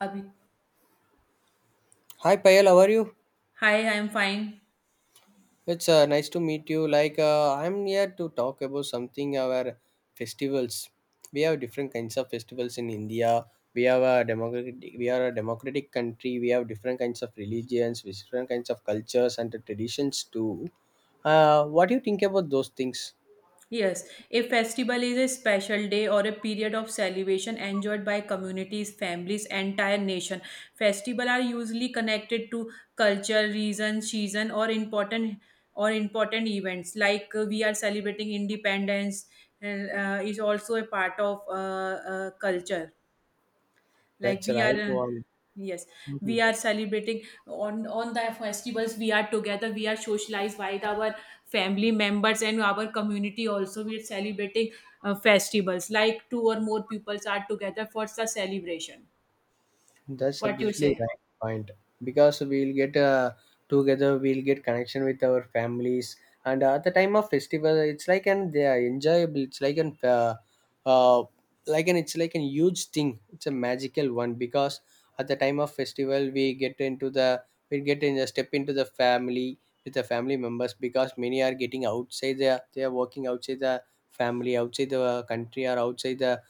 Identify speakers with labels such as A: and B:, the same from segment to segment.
A: Abhi.
B: Hi Payal, how are you?
A: Hi, I'm fine.
B: It's nice to meet you. I'm here to talk about something our festivals. We have different kinds of festivals in India. We have a democratic we are a democratic country. We have different kinds of religions, different kinds of cultures and traditions too. What do you think about those things?
A: Yes, a festival is a special day or a period of celebration enjoyed by communities, families, entire nation. Festival are usually connected to culture, reason, season, or important events. Like we are celebrating independence, and is also a part of culture. Like
B: That's
A: we are
B: right one.
A: Yes,
B: Mm-hmm.
A: we are celebrating on the festivals. We are together. We are socialized by our family members and our community. Also we are celebrating festivals like two or more peoples are together for the celebration.
B: That's
A: What you
B: absolutely
A: say?
B: right point because we'll get together, we'll get connection with our families, and at the time of festival, it's like an they are enjoyable. It's uh, like an it's like a huge thing. It's a magical one because at the time of festival, we get into the we get in a step into the family with the family members because many are getting outside. They are working outside the family, outside the country, or outside the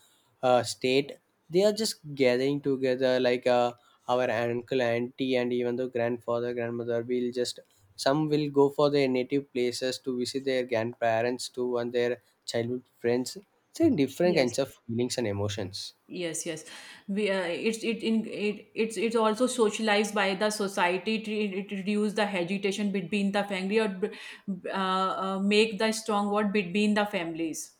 B: state they are just gathering together like our uncle auntie and even the grandfather grandmother will just some will go for their native places to visit their grandparents too and their childhood friends so different kinds
A: Yes,
B: of feelings and emotions.
A: yes, yes. We uh, it's it, in it it's it's also socialized by the society. It reduce the agitation between the family or make the strong word between the families.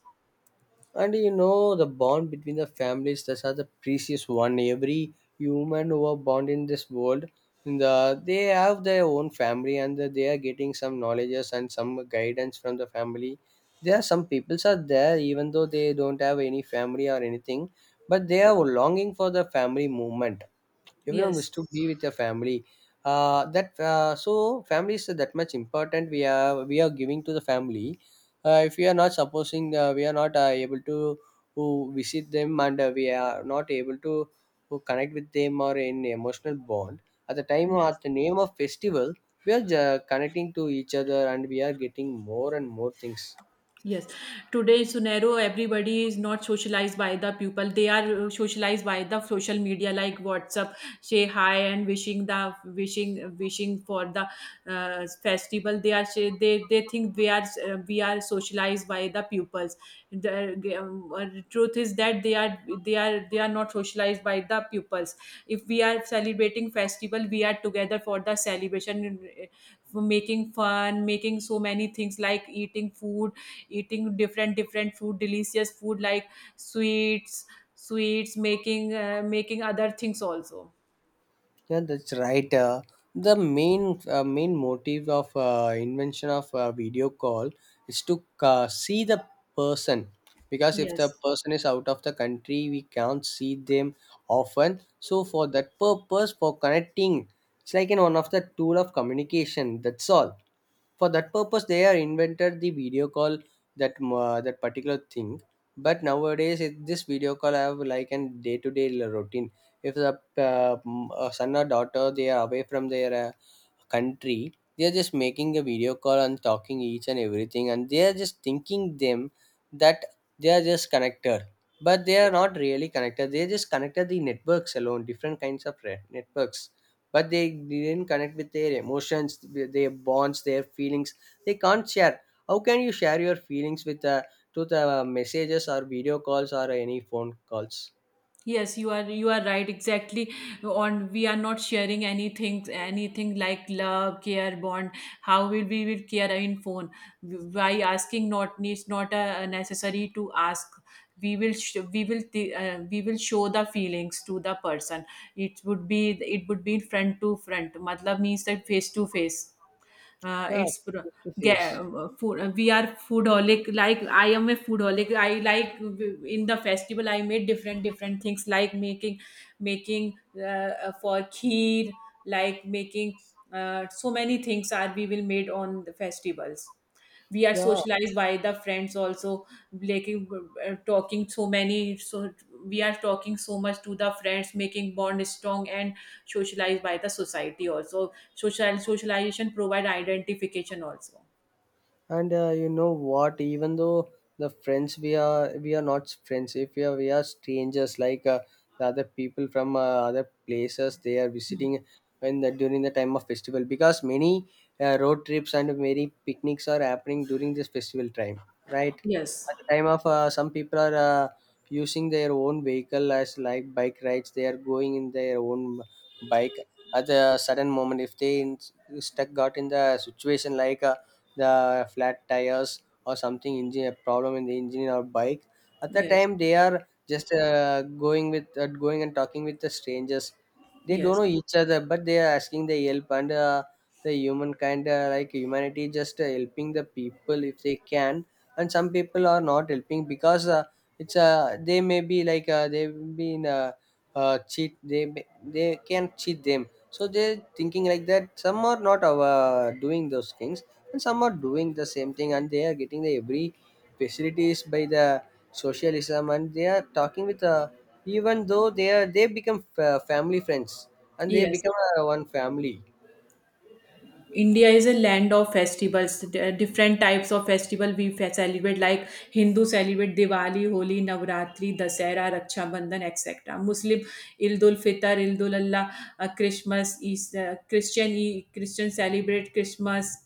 B: And you know, the bond between the families, that's are the precious one. Every human who are born in this world, in the, they have their own family and the- they are getting some knowledges and some guidance from the family. There are some peoples are there, even though they don't have any family or anything, but they are longing for the family movement, everyone
A: Yes.
B: wish to be with their family. Uh, that uh, so family is that much important, we are giving to the family. If we are not supposing we are not able to visit them, and we are not able to connect with them or in emotional bond at the time or
A: Yes.
B: at the name of festival, we are connecting to each other, and we are getting more and more things.
A: Yes, today scenario everybody is not socialized by the people. They are socialized by the social media like WhatsApp, say hi and wishing the wishing wishing for the festival. They think we are socialized by the pupils. The truth is that they are not socialized by the pupils. If we are celebrating festival, we are together for the celebration, for making fun, making so many things like eating food, eating different different food, delicious food like sweets sweets, making other things also.
B: Yeah, that's right. The main motive of invention of video call is to see the person because if
A: Yes.
B: the person is out of the country, we can't see them often. So for that purpose, for connecting, it's like in one of the tool of communication. That's all, for that purpose they are invented the video call, that that particular thing. But nowadays it, this video call have like an day to day routine. If the son or daughter they are away from their country, they are just making a video call and talking each and everything, and they are just thinking them that they are just connected. But they are not really connected, they just connected the networks alone, different kinds of networks. But they didn't connect with their emotions, with their bonds, their feelings. They can't share. How can you share your feelings with to the messages or video calls or any phone calls?
A: Yes, you are right exactly. On, we are not sharing anything anything like love, care, bond. How will we will care in phone, by asking? Not needs, not necessary to ask. We will sh- we will th- We will show the feelings to the person. It would be it would be front to front, matlab, means that face to face. uh,
B: Yeah,
A: it's pr-
B: face to
A: get,
B: face.
A: food, we are foodholic. Like I am a foodholic. I like in the festival I made different different things, like making for kheer, like making so many things are we will made on the festivals. We are
B: yeah
A: socialized by the friends also. Like talking so many. So we are talking so much to the friends, making bond strong and socialized by the society also. Social socialization provide identification also.
B: and uh, you know what, even though the friends, we are not friends, if we are we are strangers, like the other people from other places they are visiting when the, during the time of festival, because many road trips and many picnics are happening during this festival time, right?
A: Yes,
B: At the time of some people are using their own vehicle as like bike rides, they are going in their own bike. At the sudden moment, if they in, stuck got in the situation like the flat tires or something engine a problem in the engine or bike, at the
A: yes,
B: time they are just going and talking with the strangers. They don't
A: yes,
B: know each other, but they are asking the help, and the humankind like humanity just helping the people if they can. And some people are not helping because it's they may be like they will be in a cheat, they can cheat them, so they're thinking like that, some are not doing those things. And some are doing the same thing, and they are getting the every facilities by the socialism, and they are talking with even though they are they become family friends, and they
A: yes.
B: become one family.
A: India is a land of festivals. There are different types of festival we celebrate, like Hindu celebrate Diwali, Holi, Navratri, Dasera, Raksha Bandhan, etc. Muslim Eid ul Fitr, Eid ul Allah, Christmas. Is Christian celebrate Christmas,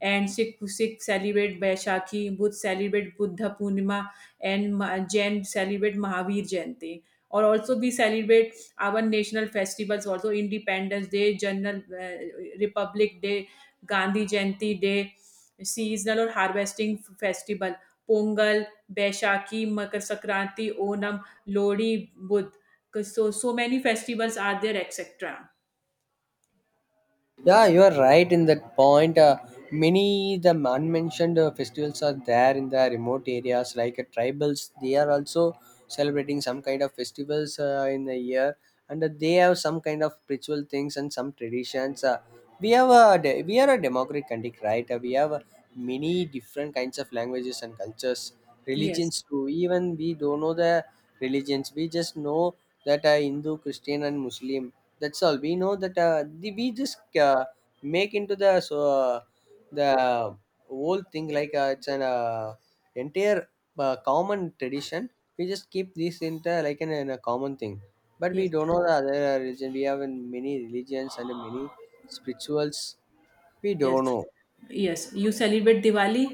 A: and Sikh celebrate Baishakhi, Buddh celebrate Buddha Purnima, and Jain celebrate Mahavir Jayanti. Or also we celebrate our national festivals also, independence day, general republic day, Gandhi Jayanti day, seasonal or harvesting festival, pongal, baishakhi, makar sankranti, onam, lodi, budh. 'Cause so many festivals are there, etc.
B: Yeah, you are right in that point. Many the unmentioned festivals are there in the remote areas, like tribals. They are also celebrating some kind of festivals in the year, and they have some kind of ritual things and some traditions. We are a democratic country, right? We have many different kinds of languages and cultures,
A: Yes,
B: religions too. Even we don't know the religions. We just know that Hindu, Christian, and Muslim, that's all. We know that the, we just make into the the whole thing like it's an entire common tradition. We just keep this in the, like an, in a common thing, but
A: yes,
B: we don't know the other religion. We have in many religions and many spirituals. We
A: yes,
B: don't know.
A: yes, you celebrate Diwali.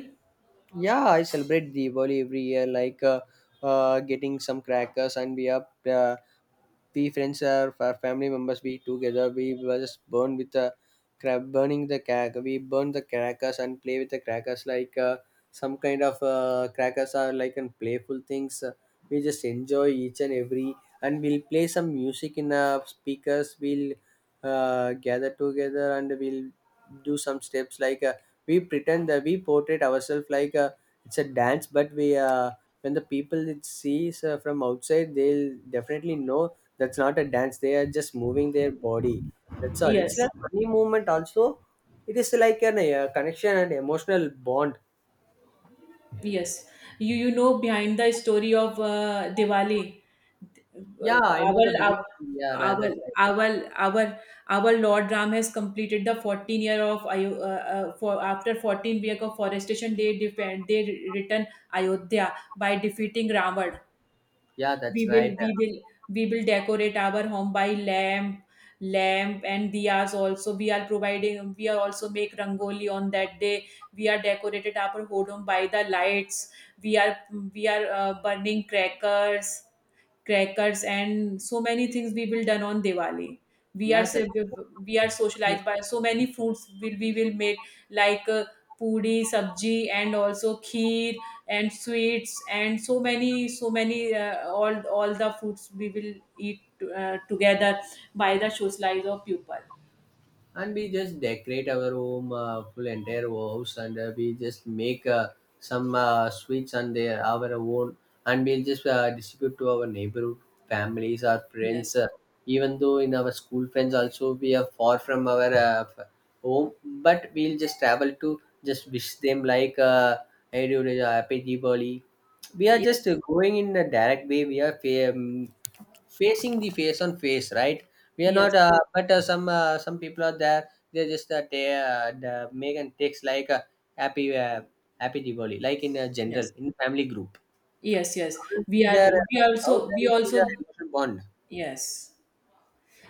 B: Yeah, I celebrate Diwali every year, like getting some crackers, and we are we friends are our family members. We together we were just burn with the crack, burning the crack. We burn the crackers and play with the crackers, like some kind of crackers are like and playful things. We just enjoy each and every, and we'll play some music in speakers. We'll gather together and we'll do some steps like. We pretend that we portray ourselves like a, it's a dance but we when the people it sees from outside they'll definitely know that's not a dance, they are just moving their body. That's all, it's
A: Yes,
B: like funny movement also. It is like an connection and emotional bond.
A: yes, you know behind the story of Diwali.
B: Yeah, I know
A: our
B: the biggest.
A: our
B: Yeah right,
A: our
B: that's right.
A: our our our Lord Ram has completed the 14 year of for after 14 year of forestation. They defend, they return Ayodhya by defeating Ravan.
B: Yeah
A: We
B: that's
A: will
B: right.
A: we will we will decorate our home by lamp, lamp and diyas. Also we are providing. We are also make rangoli on that day. We are decorated our home by the lights. We are we are uh, burning crackers, crackers, and so many things we will done on Diwali. We are
B: Yeah that's.
A: se- we are socialized by so many foods will we will make, like puri, sabji, and also kheer and sweets and so many so many all the foods we will eat together by the socialize of people.
B: And we just decorate our home full entire house, and we just make some sweets on their our own, and we'll just distribute to our neighborhood families our friends
A: Yes,
B: even though in our school friends also we are far from our home, but we'll just travel to just wish them like hey, dude, happy Diwali. We are
A: yes,
B: just going in a direct way, we are facing the face on face, right? We are
A: yes,
B: not, but some people are there. They just the make and takes like happy uh, happy Diwali, like in a general
A: yes,
B: in family group.
A: yes, yes.
B: How will
A: We
B: be
A: are
B: there?
A: we
B: How
A: also we
B: can be the
A: also
B: emotional bond?
A: Yes.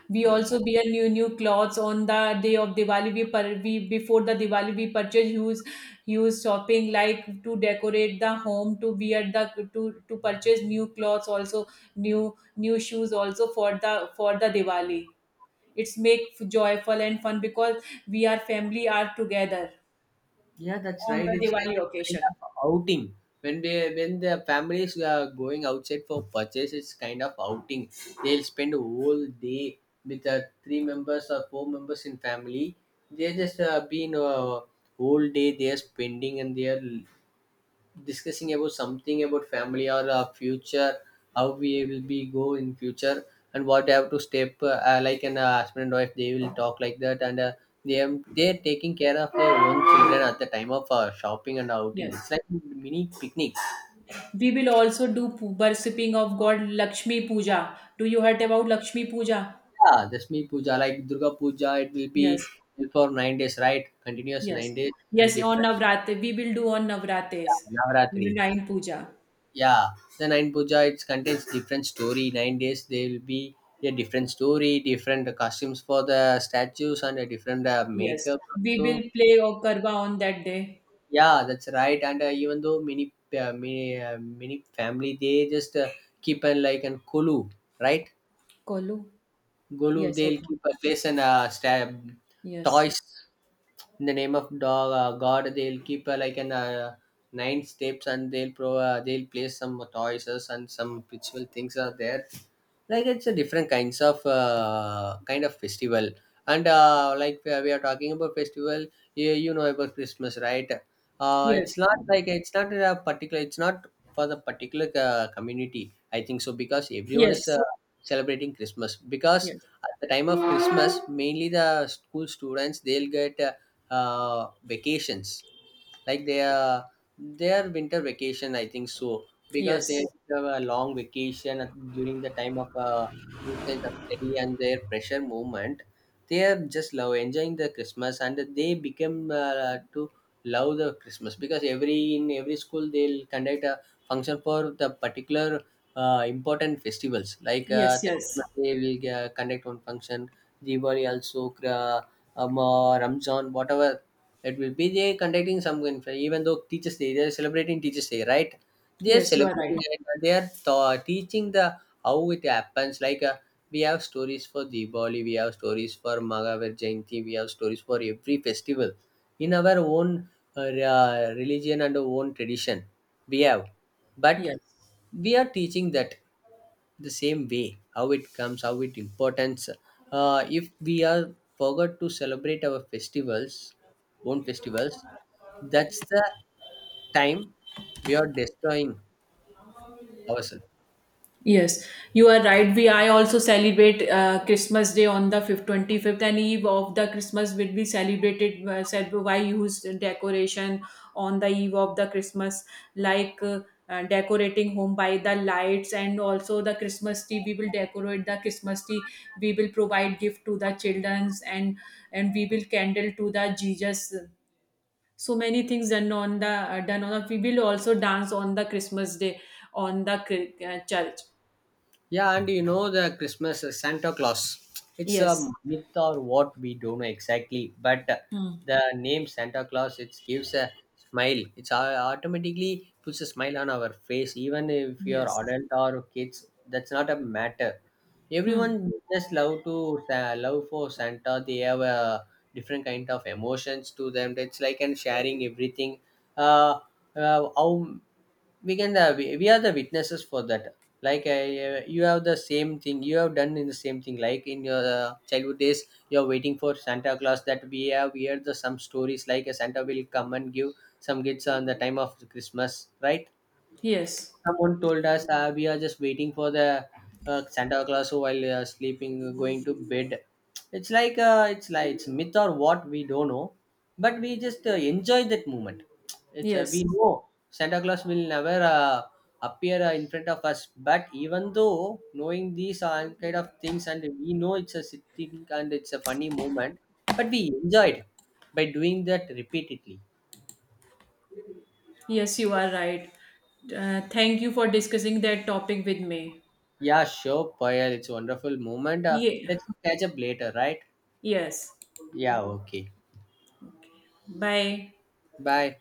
A: We also wear new new clothes on the day of Diwali. We before the Diwali we purchase huge huge shopping, like to decorate the home, to wear the to purchase new clothes also, new new shoes also for the Diwali. It's make joyful and fun because we are family are together
B: Yeah, that's
A: on
B: right.
A: the
B: It's like
A: Diwali
B: a kind
A: occasion.
B: of outing. When they when the families are going outside for purchase, it's kind of outing. They'll spend a whole day with three members or four members in family. They just been whole day they are spending, and they are discussing about something about family or future, how we will be go in future, and what they have to step like an husband and wife they will talk like that, and they am they're taking care of their own children at the time of shopping and outing, it's
A: Yes.
B: like mini picnic.
A: We will also do worshipping of God Lakshmi Puja. Do you heard about Lakshmi Puja?
B: Yeah, Dashmi puja like durga puja, it will be
A: Yes.
B: for 9 days, right? Continuous
A: Yes.
B: 9 days. And
A: Yes, on
B: different,
A: Navratri. We will do on Navratres.
B: yeah,
A: We do
B: navaratri.
A: nine puja.
B: Yeah, the nine puja it contains different story. 9 days there will be a different story, different costumes for the statues, and a different
A: Yes.
B: makeup.
A: We will
B: So
A: play or Karwa on that day.
B: yeah, that's right. And even though many many family they just keep an like an kulu, right?
A: Kolu.
B: Golu,
A: Yes,
B: they'll
A: okay.
B: keep a place and stab
A: Yes.
B: toys in the name of dog god. They'll keep like an nine steps, and they'll pro they'll place some toys and some ritual things are there, like it's a different kinds of kind of festival. And like we are talking about festival, you know about Christmas, right?
A: Yes.
B: It's not like it's not a particular, it's not for the particular community, I think so, because everyone is
A: Yes.
B: celebrating Christmas. Because
A: Yes.
B: at the time of Christmas, mainly the school students they'll get vacations, like their winter vacation, I think so, because they
A: Yes.
B: have a long vacation during the time of these kinds of study and their pressure movement. They are just love enjoying the Christmas, and they become to love the Christmas because every in every school they'll conduct a function for the particular important festivals, like
A: Yes,
B: the
A: yes.
B: Christmas Day will conduct one function. Diwali also, uh, Ramzan whatever it will be, they conducting some even though Teachers Day, they are celebrating Teachers Day, right? They are
A: Yes, you are
B: celebrating
A: right.
B: and they are teaching the how it happens. Like we have stories for Diwali, we have stories for Maghavar Jayanti, we have stories for every festival in our own religion and our own tradition. We have, but
A: Yes.
B: we are teaching that the same way how it comes how it importance. If we are forgot to celebrate our festivals, own festivals, that's the time we are destroying ourselves.
A: Yes, you are right. We I also celebrate Christmas Day on the fifth, 25th, and eve of the Christmas will be celebrated said by use decoration on the eve of the Christmas, like decorating home by the lights and also the Christmas tree. We will decorate the Christmas tree. We will provide gift to the childrens and we will candle to the Jesus. So many things done on. We will also dance on the Christmas Day on the church.
B: Yeah, and you know the Christmas Santa Claus. It's a
A: Yes.
B: myth or what we don't know exactly, but
A: Hmm.
B: the name Santa Claus it gives a smile. It's automatically puts a smile on our face, even if you're
A: Yes.
B: adult or kids. That's not a matter.
A: Hmm.
B: Everyone just love to love for Santa. They have a different kind of emotions to them. It's like and sharing everything. Uh, how we can we are the witnesses for that, like I, you have the same thing you have done in the same thing, like in your childhood days you're waiting for Santa Claus, that we have heard the some stories like a Santa will come and give some gifts on the time of Christmas, right?
A: Yes.
B: Someone told us we are just waiting for the Santa Claus while sleeping, going to bed. It's like it's like it's myth or what we don't know, but we just enjoy that moment. It's
A: Yes,
B: we know Santa Claus will never appear in front of us, but even though knowing these kind of things, and we know it's a sitting and it's a funny moment, but we enjoyed by doing that repeatedly.
A: Yes, you are right. Thank you for discussing that topic with me.
B: Yeah, sure, Payal. It's a wonderful moment.
A: Yeah.
B: Let's catch up later, right?
A: Yes.
B: Yeah, okay.
A: Bye.
B: Bye.